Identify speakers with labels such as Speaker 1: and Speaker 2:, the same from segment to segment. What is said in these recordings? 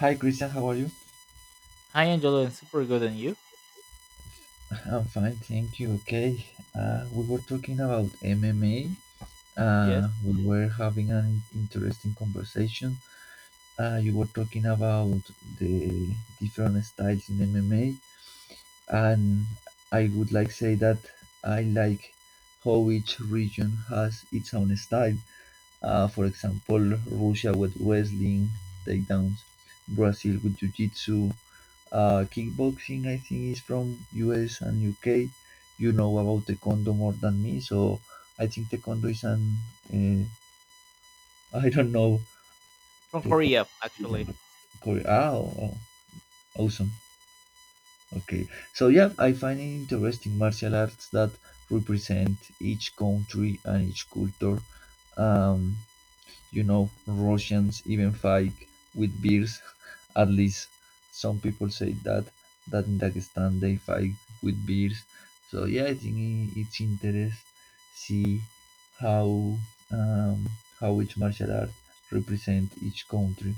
Speaker 1: Hi Christian, how are you?
Speaker 2: Hi, Angelo, and super good, and you?
Speaker 1: I'm fine, thank you. Okay, we were talking about MMA.
Speaker 2: Yes,
Speaker 1: We were having an interesting conversation. You were talking about the different styles in MMA, and I would like say that I like how each region has its own style. For example, Russia with wrestling, takedowns, Brazil with jiu-jitsu. Kickboxing, I think, is from US and UK. You know about taekwondo more than me, so I think taekwondo is an uh, I don't know,
Speaker 2: from
Speaker 1: taekwondo
Speaker 2: Korea,
Speaker 1: is in
Speaker 2: actually.
Speaker 1: Korea. Ah, oh, oh, awesome. Okay, so yeah, I find it interesting martial arts that represent each country and each culture. Um, Russians even fight with beers. At least some people say that in Dagestan they fight with beers. So yeah, I think it's interest see how um, how each martial art represent each country.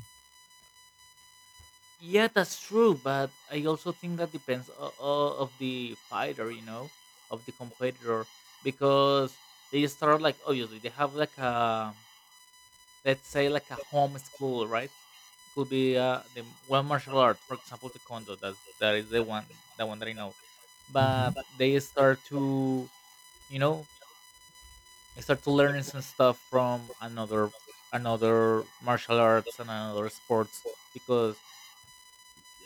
Speaker 2: Yeah, that's true, but I also think that depends of the fighter, you know, of the competitor, because they start like obviously they have like a let's say like a home school, right? Could be the one martial art, for example, taekwondo. That is the one that I know.
Speaker 1: Mhm.
Speaker 2: But they start to, you know, I start to learn some stuff from another martial arts and another sports because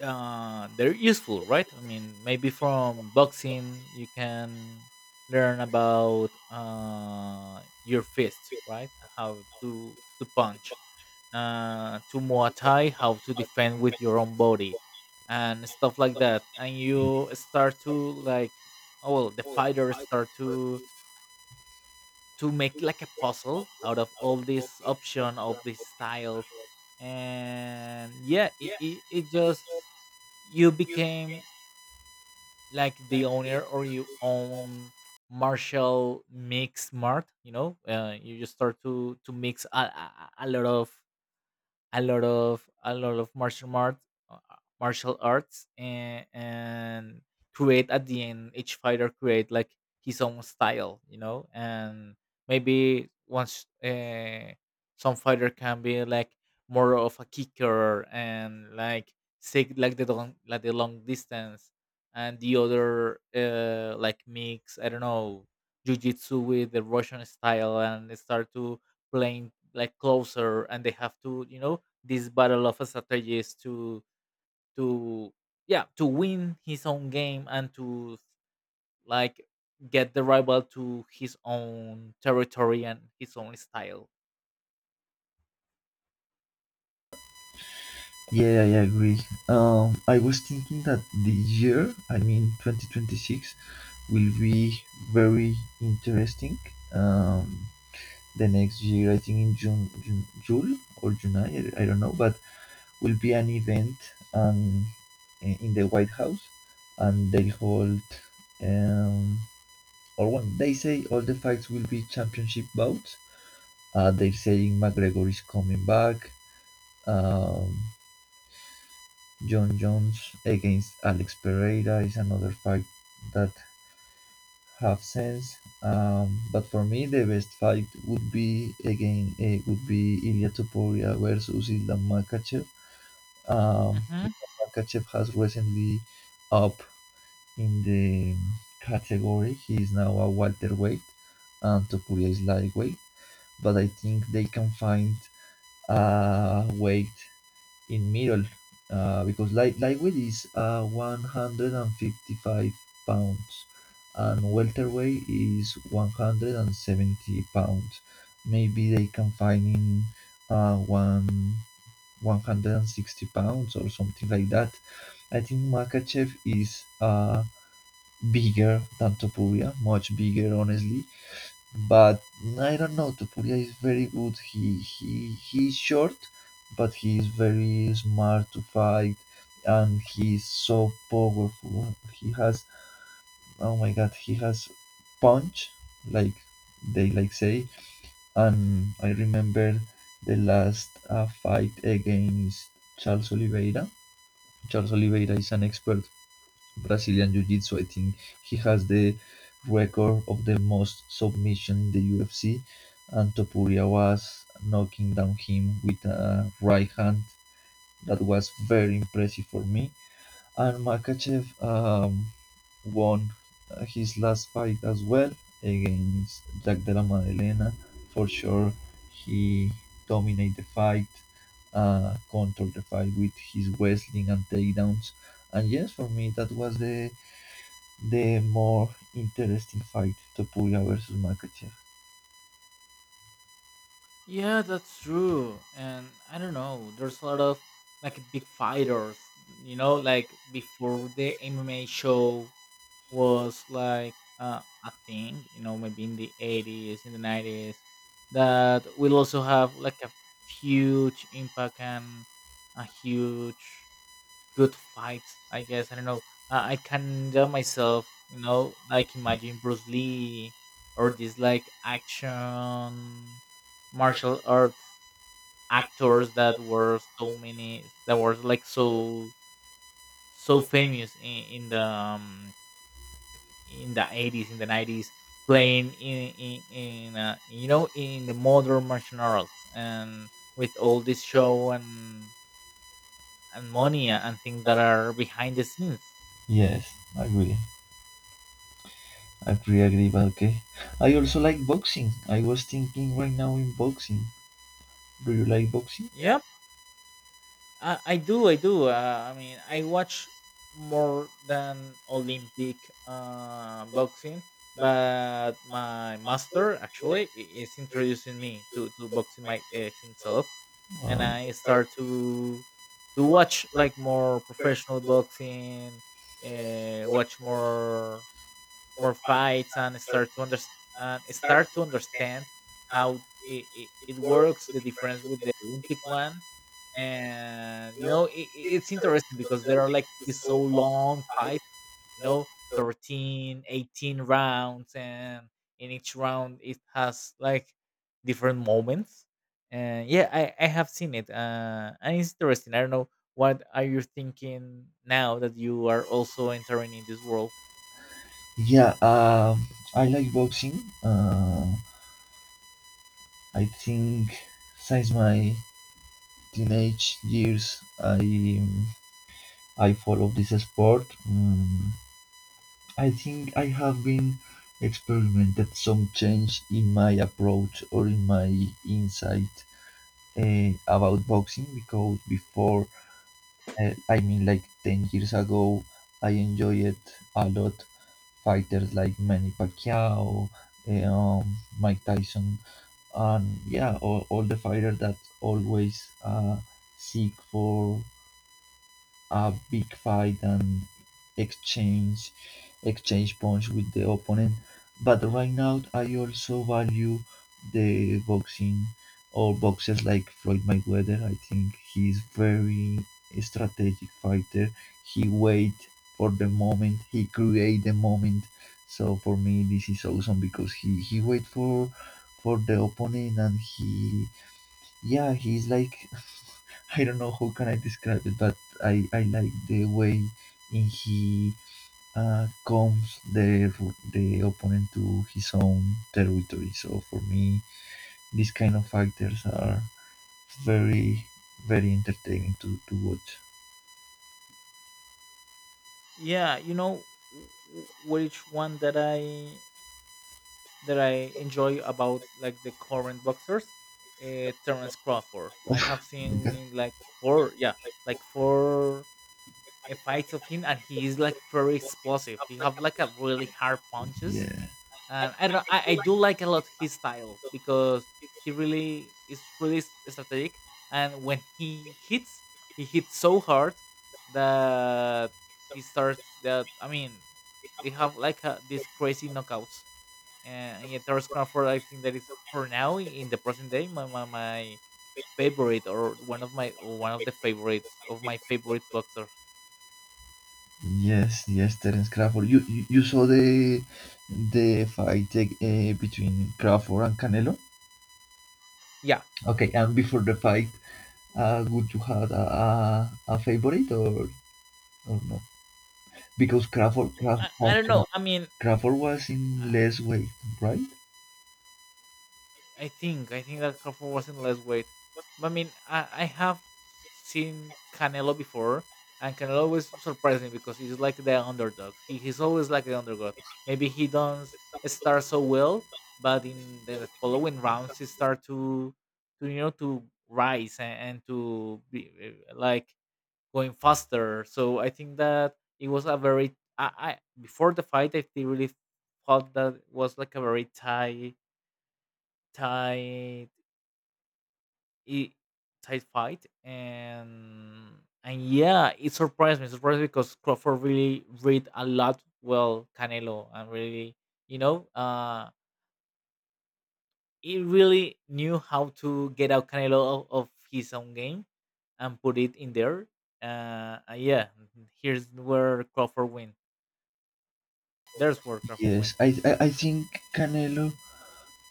Speaker 2: they're useful, right? I mean, maybe from boxing you can learn about your fist, right? How to punch. To Muay Thai, how to defend with your own body, and stuff like that. And you start to like, oh well, the fighters start to make like a puzzle out of all these option of these styles. And yeah, it just, you became like the owner or you own martial mix mart, you know. You just start to mix a lot of a lot of martial arts and create at the end each fighter create like his own style, you know. And maybe once some fighter can be like more of a kicker and like take like the long distance, and the other like mix, I don't know, jujitsu with the russian style and they start to playing like closer and they have to, you know, this battle of strategies to yeah to win his own game and to like get the rival to his own territory and his own style.
Speaker 1: Yeah, I agree. I was thinking that the year, I mean 2026, will be very interesting. Um, the next year, I think in June, June or July, I don't know, but will be an event um, in the White House, and they hold um, or one. They say all the fights will be championship bouts. They're saying McGregor is coming back. Um, John Jones against Alex Pereira is another fight that have sense. But for me, the best fight would be again would be Ilya Topuria versus Islam Makachev.
Speaker 2: Mm-hmm.
Speaker 1: Islam Makachev has recently up in the category. He is now a welterweight, and Topuria is lightweight. But I think they can find weight in middle because lightweight is 155 pounds and welterweight is 170 pounds. Maybe they can find in one 160 pounds or something like that. I think Makachev is bigger than Topuria, much bigger honestly, but I don't know. Topuria is very good. He's short, but he is very smart to fight, and he is so powerful. He has, oh my god, he has punch, like they like say. And I remember the last fight against Charles Oliveira. Charles Oliveira is an expert Brazilian Jiu-Jitsu. I think he has the record of the most submission in the UFC, and Topuria was knocking down him with a right hand. That was very impressive for me. And Makachev won his last fight as well against Jack de la Maddalena. For sure, he dominated the fight, controlled the fight with his wrestling and takedowns. And yes, for me, that was the more interesting fight, Topuria versus Makachev.
Speaker 2: Yeah, that's true. And I don't know, there's a lot of like big fighters, you know, like before the MMA show was like a thing, you know, maybe in the 80s, in the 90s, that will also have like a huge impact and a huge good fight, I guess. I don't know. I can tell myself, you know, like imagine Bruce Lee or these like action martial arts actors that were so many, that were like so, so famous in the 80s in the 90s playing in you know in the modern martial arts and with all this show and money and things that are behind the scenes.
Speaker 1: Yes, I agree. I pretty agree, but okay. I also like boxing. I was thinking right now in boxing. Do you like boxing?
Speaker 2: Yeah. I do, I do. I mean, I watch more than Olympic boxing, but my master actually is introducing me to boxing my himself, and
Speaker 1: Uh,
Speaker 2: I start to watch like more professional boxing, watch more more fights and start to understand and start to understand how it works the difference with the olympic one. And you know it, it's interesting because there are like these so long fights, you know, 13, 18 rounds, and in each round it has like different moments. And yeah I have seen it and it's interesting. I don't know, what are you thinking now that you are also entering in this world?
Speaker 1: yeah, I like boxing. I think since my teenage years, um, I follow this sport. I think I have been experimented some change in my approach or in my insight about boxing because before, I mean, like 10 years ago, I enjoyed a lot fighters like Manny Pacquiao, eh, um, Mike Tyson, and yeah, all the fighters that always seek for a big fight and exchange exchange punch with the opponent. But right now, I also value the boxing or boxers like Floyd Mayweather. I think he's very strategic fighter. He wait for the moment. He create the moment. So for me, this is awesome because he wait for the opponent, and he, yeah, he's like I don't know how can I describe it, but I like the way in he comes the opponent to his own territory. So for me, these kind of actors are very, very entertaining to watch.
Speaker 2: Yeah, you know, which one that I that I enjoy about like the current boxers, Terrence Crawford.
Speaker 1: Oh
Speaker 2: I have
Speaker 1: my god.
Speaker 2: seen like four yeah like four fights of him and he is like very explosive. He have like a really hard punches
Speaker 1: Yeah.
Speaker 2: and I don't know, I do like a lot his style because he really is really strategic. And when he hits so hard that he starts that I mean they have like a, these crazy knockouts. And yeah, Terrence Crawford, I think that is for now in the present day my favorite or one of my one of the favorites of my favorite boxers.
Speaker 1: Yes, yes, Terence Crawford, you saw the fight between Crawford and Canelo?
Speaker 2: Yeah.
Speaker 1: Okay, and before the fight, would you have a, a, favorite, or not? Because
Speaker 2: I don't know. I mean,
Speaker 1: Crawford was in
Speaker 2: uh,
Speaker 1: less weight, right?
Speaker 2: I think that Crawford was in less weight. But I mean, I have seen Canelo before, and Canelo always surprised me because he's like the underdog. He's always like the underdog. Maybe he doesn't start so well, but in the following rounds, he start to you know to rise and to be like going faster. So I think that it was a very I before the fight, I really thought that was like a very tight tight it tight fight and yeah it surprised me surprised because Crawford really read a lot well Canelo and really you know he really knew how to get out Canelo of his own game and put it in there yeah here's where Crawford win there's where Crawford win.
Speaker 1: Yes, I think Canelo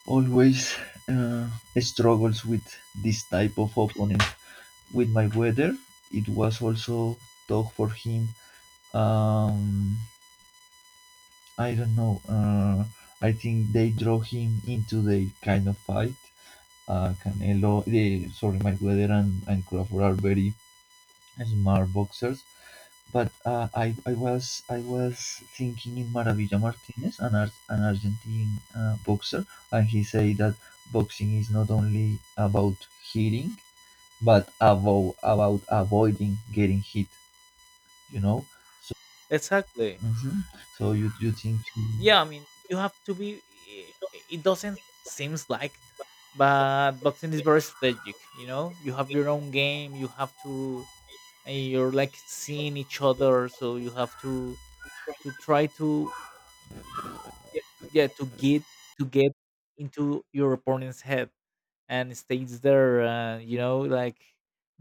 Speaker 1: always uh, struggles with this type of opponent. With my weather, it was also tough for him. Um, I don't know. I think they draw him into the kind of fight. Canelo, the, sorry, Mayweather and Crawford are very smart-boxers. But I was thinking in Maravilla Martinez, an Argentine boxer, and he said that boxing is not only about hitting, but about avoiding getting hit. You know, so,
Speaker 2: Exactly.
Speaker 1: mhm, so you think,
Speaker 2: Yeah, I mean, you have to be. It doesn't seems like, it, but boxing is very strategic. You know, you have your own game. You have to, and you're like seeing each other. So you have to try to yeah to get into your opponent's head and stays there. You know, like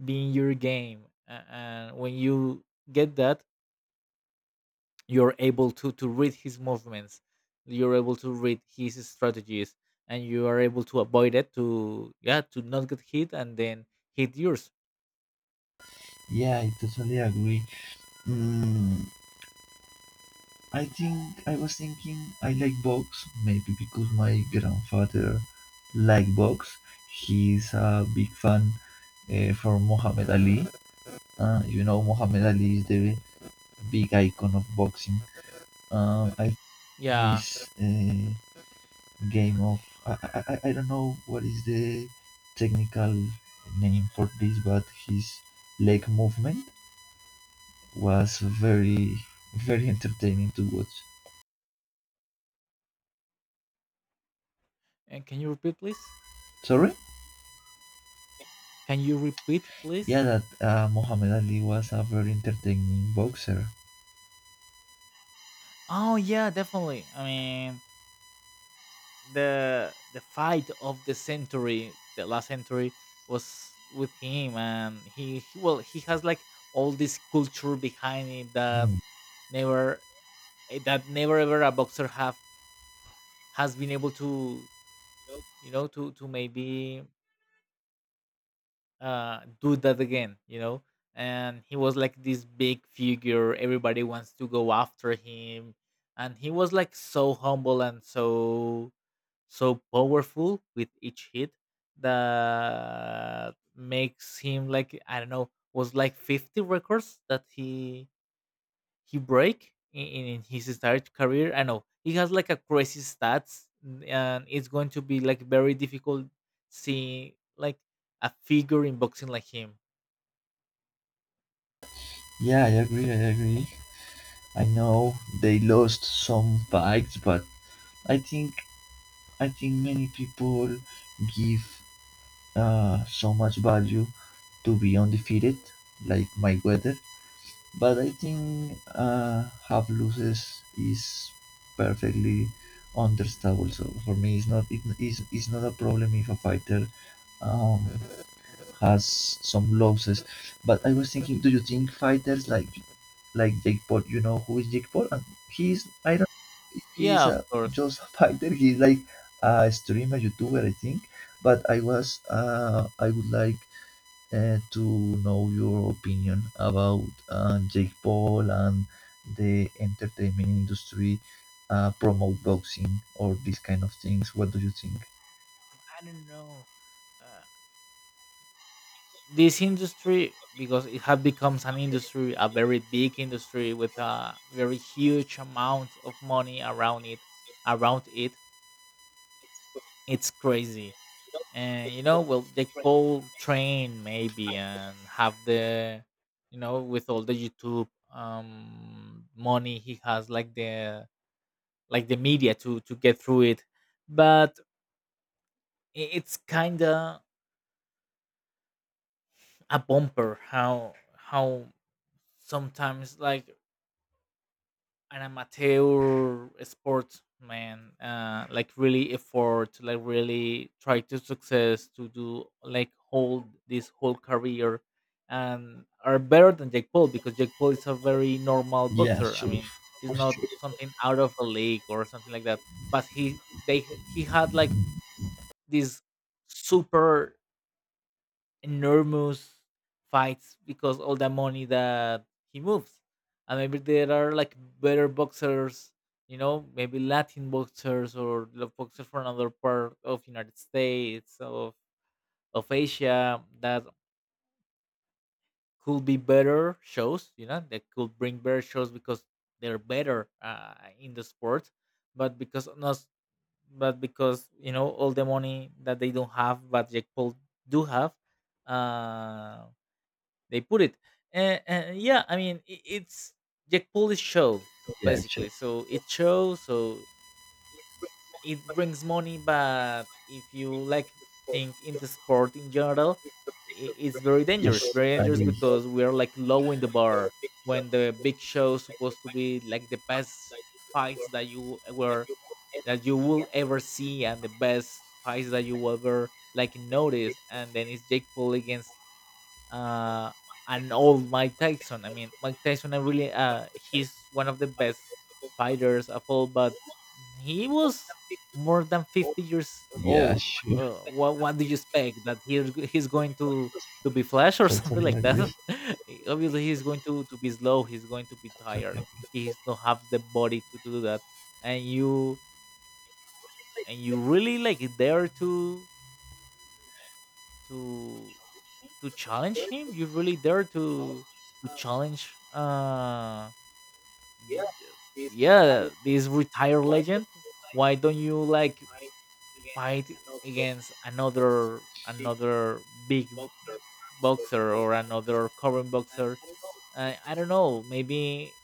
Speaker 2: being your game. And when you get that, you're able to read his movements, you're able to read his strategies and you are able to avoid it to yeah to not get hit and then hit yours.
Speaker 1: yeah, I totally agree. Mm, I think I was thinking I like box, maybe because my grandfather like box. He's a big fan for Muhammad Ali. Muhammad Ali is the big icon of boxing. I,
Speaker 2: Yeah,
Speaker 1: his game of I don't know what is the technical name for this, but his leg movement was very, very entertaining to watch.
Speaker 2: and can you repeat please?
Speaker 1: Sorry.
Speaker 2: Can you repeat
Speaker 1: Yeah,
Speaker 2: please?
Speaker 1: that Muhammad Ali was a very entertaining boxer.
Speaker 2: Oh yeah definitely, I mean, the fight of the century the last century was with him and he well he has like all this culture behind him that
Speaker 1: Mm.
Speaker 2: never that never ever a boxer have has been able to you know to maybe do that again, you know. And he was like this big figure everybody wants to go after him and he was like so humble and so so powerful with each hit that makes him like I don't know was like 50 records that he break in his entire career. I know he has like a crazy stats, and it's going to be like very difficult seeing like a figure in boxing like him.
Speaker 1: Yeah, I agree. I agree. I know they lost some fights, but I think I think many people give so much value to be undefeated, like Mayweather. But I think half loses is perfectly understandable. So for me, it's not, it is, it's not a problem if a fighter um, has some losses. But I was thinking, do you think fighters like Jake Paul, you know who is Jake Paul? And he's I don't he's
Speaker 2: Yeah, of
Speaker 1: a
Speaker 2: course.
Speaker 1: just a fighter. He's like a streamer, YouTuber, I think. But I would like to know your opinion about Jake Paul and the entertainment industry promote boxing or these kind of things. What do you think?
Speaker 2: I don't know. Uh, this industry because it has become an industry, a very big industry with a very huge amount of money around it. Around it, it's crazy. And you know well Jake Paul train maybe and have the you know with all the YouTube money he has like the media to get through it. But it's kind of a bumper how sometimes like an amateur sportsman like really effort like really try to success to do like hold this whole career and are better than Jake Paul because Jake Paul is a very normal
Speaker 1: Yeah,
Speaker 2: boxer. I
Speaker 1: sure.
Speaker 2: mean, it's
Speaker 1: For
Speaker 2: not
Speaker 1: sure.
Speaker 2: something out of a league or something like that. But he had like this super enormous fights because all the money that he moves. And maybe there are like better boxers, you know, maybe Latin boxers or the boxers from another part of United States of Asia that could be better shows, you know, that could bring better shows because they're better in the sport, but because not, but because you know all the money that they don't have, but Jake Paul do have, um they put it. And yeah, I mean, I it's Jack Polish show
Speaker 1: Yeah, sure.
Speaker 2: basically. So it shows, so it brings money. But if you like think in the sport in general, it's very
Speaker 1: Yes,
Speaker 2: dangerous. Very
Speaker 1: I
Speaker 2: dangerous
Speaker 1: agree.
Speaker 2: because we are like low in the bar when the big show supposed to be like the best fights that you were that you will ever see and the best fights that you will ever like notice and then it's Jake Paul against uh, and old Mike Tyson. I mean, Mike Tyson, I really, he's one of the best fighters of all, but he was more than 50 years
Speaker 1: Yeah,
Speaker 2: old.
Speaker 1: sure.
Speaker 2: What do you expect? That he's going to be flash or something
Speaker 1: Totally
Speaker 2: like that?
Speaker 1: agree.
Speaker 2: Obviously, he's going to be slow. He's going to be
Speaker 1: Totally
Speaker 2: tired.
Speaker 1: agree.
Speaker 2: He's not have the body to do that. And you and you really like dare to to challenge him? You really dare to challenge th- th- yeah, this retired legend? Why don't you like fight against another big boxer or another current boxer? I don't know, maybe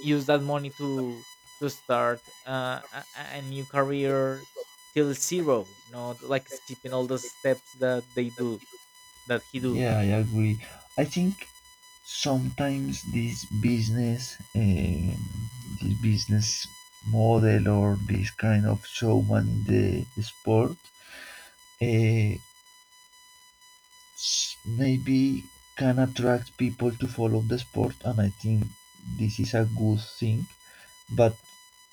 Speaker 2: use that money to start a new career till zero, not like skipping all the steps that they do that he do.
Speaker 1: Yeah, I agree. I think sometimes this business model or this kind of showman in the sport, uh, maybe can attract people to follow the sport, and I think this is a good thing. But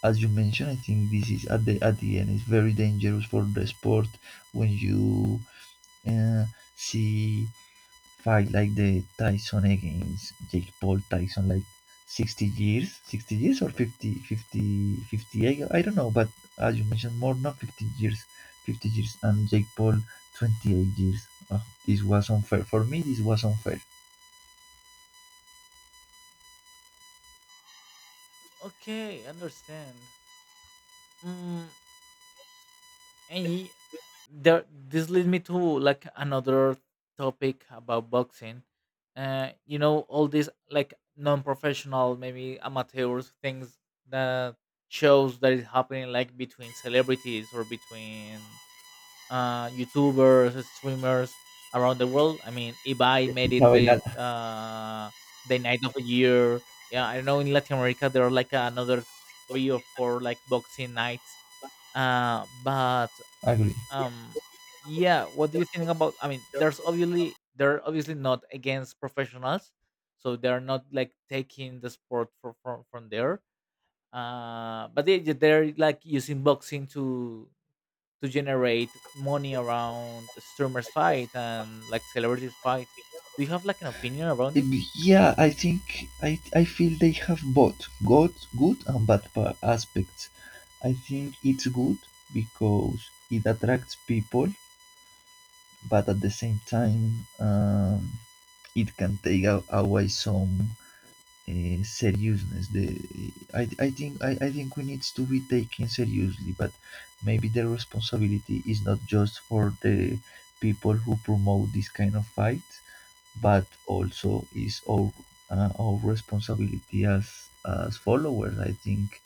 Speaker 1: as you mentioned, I think this is at the end is very dangerous for the sport when you uh, see fight like the Tyson against Jake Paul. Tyson like 60 years, 60 years or 50, fifty, 58, I don't know, but as you mentioned, more than 50 years, 50 years, and Jake Paul 28 years. Oh, this was unfair for me, this was unfair.
Speaker 2: Okay, understand. Mm, and there, this leads me to like another topic about boxing. You know, all these like non-professional, maybe amateurs things that shows that is happening like between celebrities or between YouTubers, streamers around the world. I mean, Ibai made it with
Speaker 1: Isabella.
Speaker 2: the night of the year. Yeah, I know in Latin America there are like another three or four like boxing nights but
Speaker 1: Agree.
Speaker 2: um, yeah, what do you think about? I mean, there's obviously they're obviously not against professionals, so they're not like taking the sport from there. But they're like using boxing to generate money around streamers fight and like celebrities fight. Do you have like an opinion around it?
Speaker 1: Yeah, I think I feel they have both good and bad aspects. I think it's good because it attracts people, but at the same time, it can take away some seriousness. The I think we needs to be taken seriously, but maybe the responsibility is not just for the people who promote this kind of fight, but also is our responsibility as followers, I think.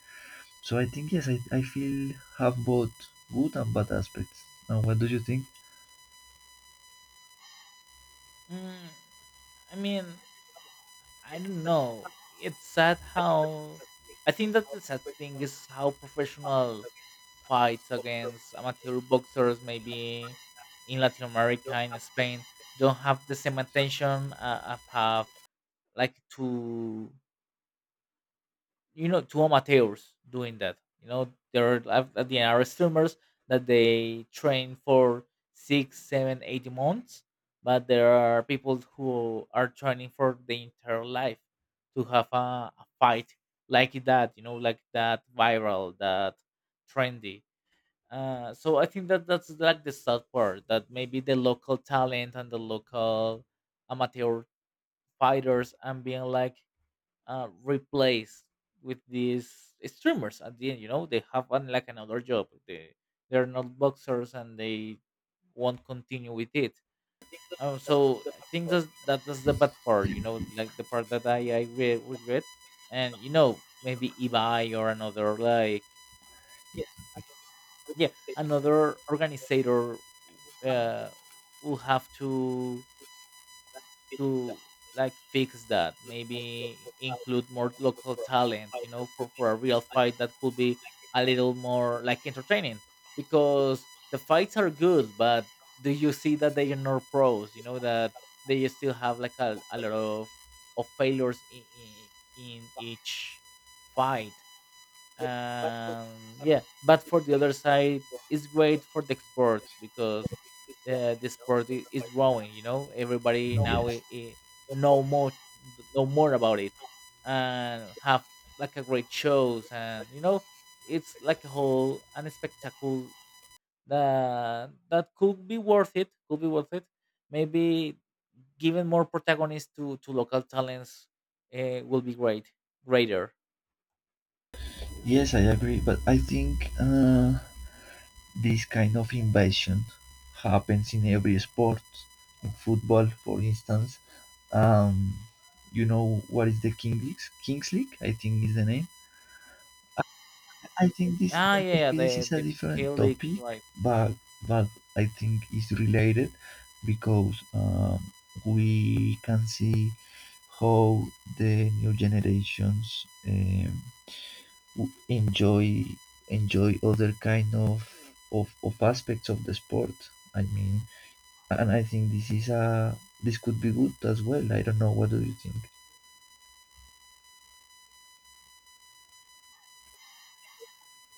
Speaker 1: So I think yes, I feel have both good and bad aspects. And what do you think?
Speaker 2: Mm, I mean, I don't know. It's sad how I think that the sad thing is how professional fights against amateur boxers, maybe in Latin America, in Spain, don't have the same attention, of have like to, two amateurs doing that. There are, at the end, are streamers that they train for 6, 7, 8 months, but there are people who are training for the entire life to have a fight like that, like that viral, that trendy. So I think that that's like the sad part, that maybe the local talent and the local amateur fighters and being like, replaced with these streamers at the end. They have an, like, another job. They're not boxers, and they won't continue with it. So I think that's the bad part. Like the part that I regret. And maybe eBay or another, like, yeah, another organizer uh, will have to like, fix that, maybe include more local talent, for a real fight that could be a little more like entertaining, because the fights are good, but do you see that they are not pros? You know that they still have like a lot of failures in each fight. And yeah, but for the other side, it's great for the export, because the sport is growing. Everybody
Speaker 1: No.
Speaker 2: now know more know more about it, and have like a great shows, and it's like a whole and a spectacle that could be worth it, could be worth it. Maybe giving more protagonists to local talents will be greater.
Speaker 1: Yes, I agree, but I think this kind of invasion happens in every sport, in football for instance. um, you know what is the king league, kings league, I think is the name. I think this,
Speaker 2: Ah, yeah,
Speaker 1: maybe
Speaker 2: yeah,
Speaker 1: this
Speaker 2: the
Speaker 1: is a
Speaker 2: the
Speaker 1: different
Speaker 2: Piquet leaks,
Speaker 1: topic,
Speaker 2: right?
Speaker 1: but but I think is related because we can see how the new generations w- enjoy enjoy other kind of aspects of the sport. I mean, and I think this is a this could be good as well. I don't know. What do you think?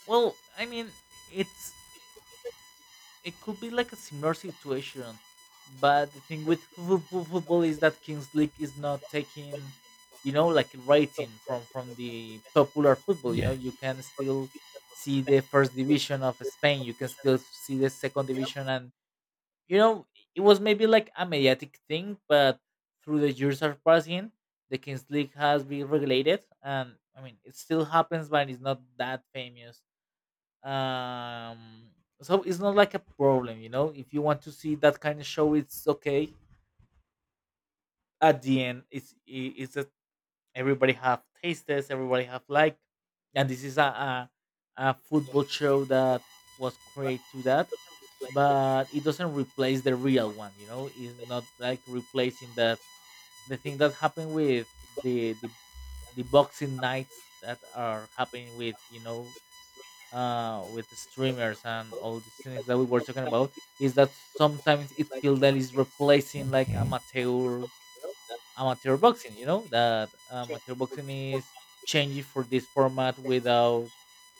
Speaker 2: Well, I mean, it's it could be like a similar situation, but the thing with football is that Kings League is not taking, like, rating from the popular football. You know,
Speaker 1: Yeah.
Speaker 2: you can still see the first division of Spain, you can still see the second division, and you know, it was maybe like a mediatic thing, but through the years are passing, the Kings League has been regulated, and I mean, it still happens, but it's not that famous. Um, so it's not like a problem. If you want to see that kind of show, it's okay. At the end, it's that everybody have tastes, everybody have, like, and this is a football show that was created to that, but it doesn't replace the real one. It's not like replacing that. The thing that happened with the the, the boxing nights that are happening with you know with the streamers and all these things that we were talking about is that sometimes it feels that it's replacing like
Speaker 1: Okay.
Speaker 2: amateur boxing. You know that amateur boxing is changing for this format without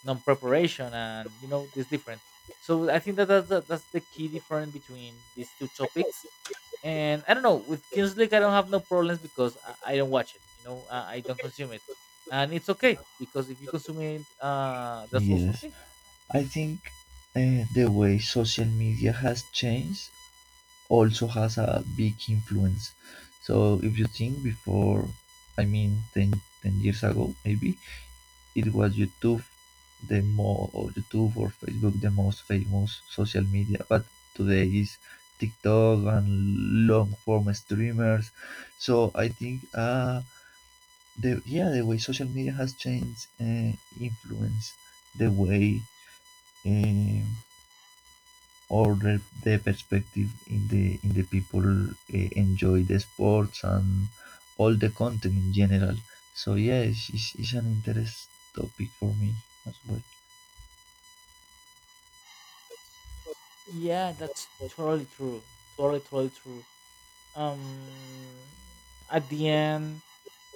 Speaker 2: non preparation, and it's different. So I think that that's the key difference between these two topics. And I don't know, with Kings League, I don't have no problems, because I don't watch it. I don't consume it, and it's okay, because if you consume it, that's also
Speaker 1: Yes.
Speaker 2: okay.
Speaker 1: I think the way social media has changed also has a big influence. So if you think before, I mean ten years ago maybe, it was YouTube the more, or YouTube or Facebook the most famous social media, but today is TikTok and long form streamers. So I think the way social media has changed influence the way, um, or the perspective in the people enjoy the sports and all the content in general. So yeah, it's an interest topic for me as well.
Speaker 2: Yeah, that's totally true. Totally, totally true. Um, at the end,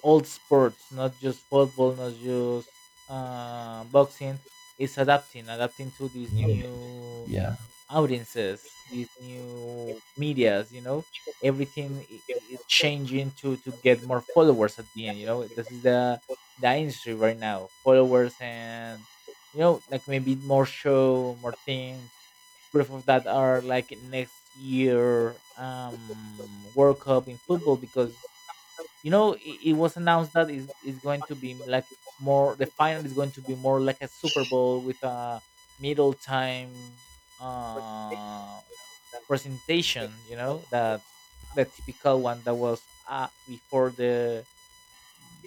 Speaker 2: all sports, not just football, not just boxing, is adapting to these
Speaker 1: New-
Speaker 2: new
Speaker 1: yeah,
Speaker 2: audiences, these new medias. Everything is changing to get more followers at the end. This is the industry right now, followers, and, like, maybe more show, more thing. Proof of that are like next year World Cup in football, because it was announced that is going to be like, more, the final is going to be more like a Super Bowl with a middle time uh presentation, you know, that the typical one that was before the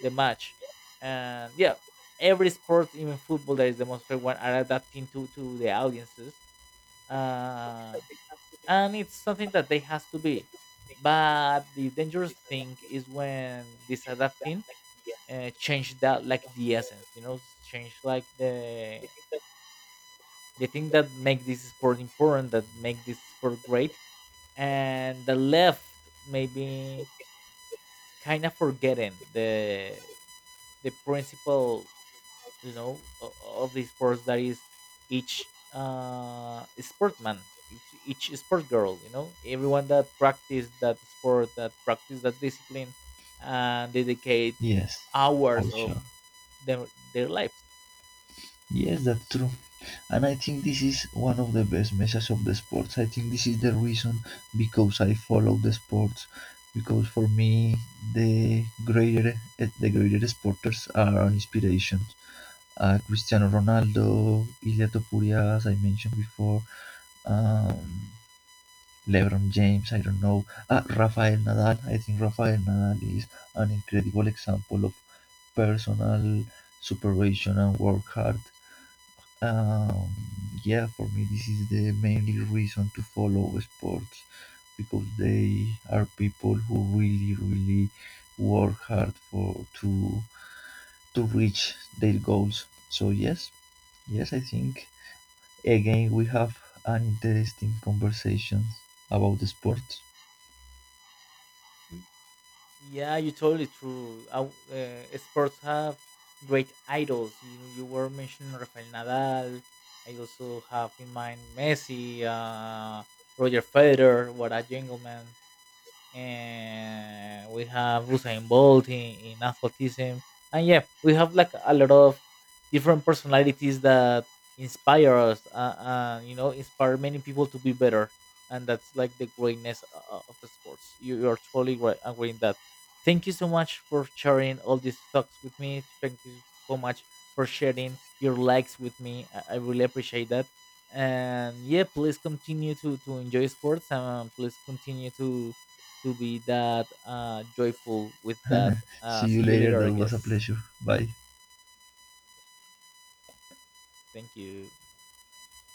Speaker 2: the match. And yeah, every sport, even football, that is the most fair one, are adapting to the audiences, uh and it's something that they has to be. But the dangerous thing is when this adapting, change that like the essence, change like the thing that make this sport important, that make this sport great, and the left, maybe, kind of forgetting the principle, of the sports, that is each sportman, each sport girl, everyone that practice that sport, that practice that discipline, and dedicate
Speaker 1: yes, for
Speaker 2: hours of
Speaker 1: sure.
Speaker 2: their lives.
Speaker 1: Yes, that's true. And I think this is one of the best messages of the sports. I think this is the reason because I follow the sports. Because for me, the greater the greater sporters are an inspiration. Cristiano Ronaldo, Ilya Topuria, as I mentioned before, um, LeBron James, I don't know, Rafael Nadal. I think Rafael Nadal is an incredible example of personal supervision and work hard. Um, yeah, for me, this is the mainly reason to follow sports because they are people who really, really work hard for to reach their goals. So yes, yes, I think again, we have an interesting conversation about the sports.
Speaker 2: Yeah, you're totally true. Sports have great idols. You were mentioning Rafael Nadal. I also have in mind Messi, Roger Federer. What a gentleman! And we have Usain Bolt in athleticism, and yeah, we have like a lot of different personalities that inspire us, inspire many people to be better, and that's like the greatness of sports. You are totally right, agree in that. Thank you so much for sharing all these thoughts with me. Thank you so much for sharing your likes with me. I really appreciate that. And yeah, please continue to enjoy sports, and please continue to be that joyful with that. Uh,
Speaker 1: See
Speaker 2: see
Speaker 1: you
Speaker 2: you
Speaker 1: later.
Speaker 2: later, I
Speaker 1: That was a
Speaker 2: guess.
Speaker 1: pleasure. Bye.
Speaker 2: Thank you.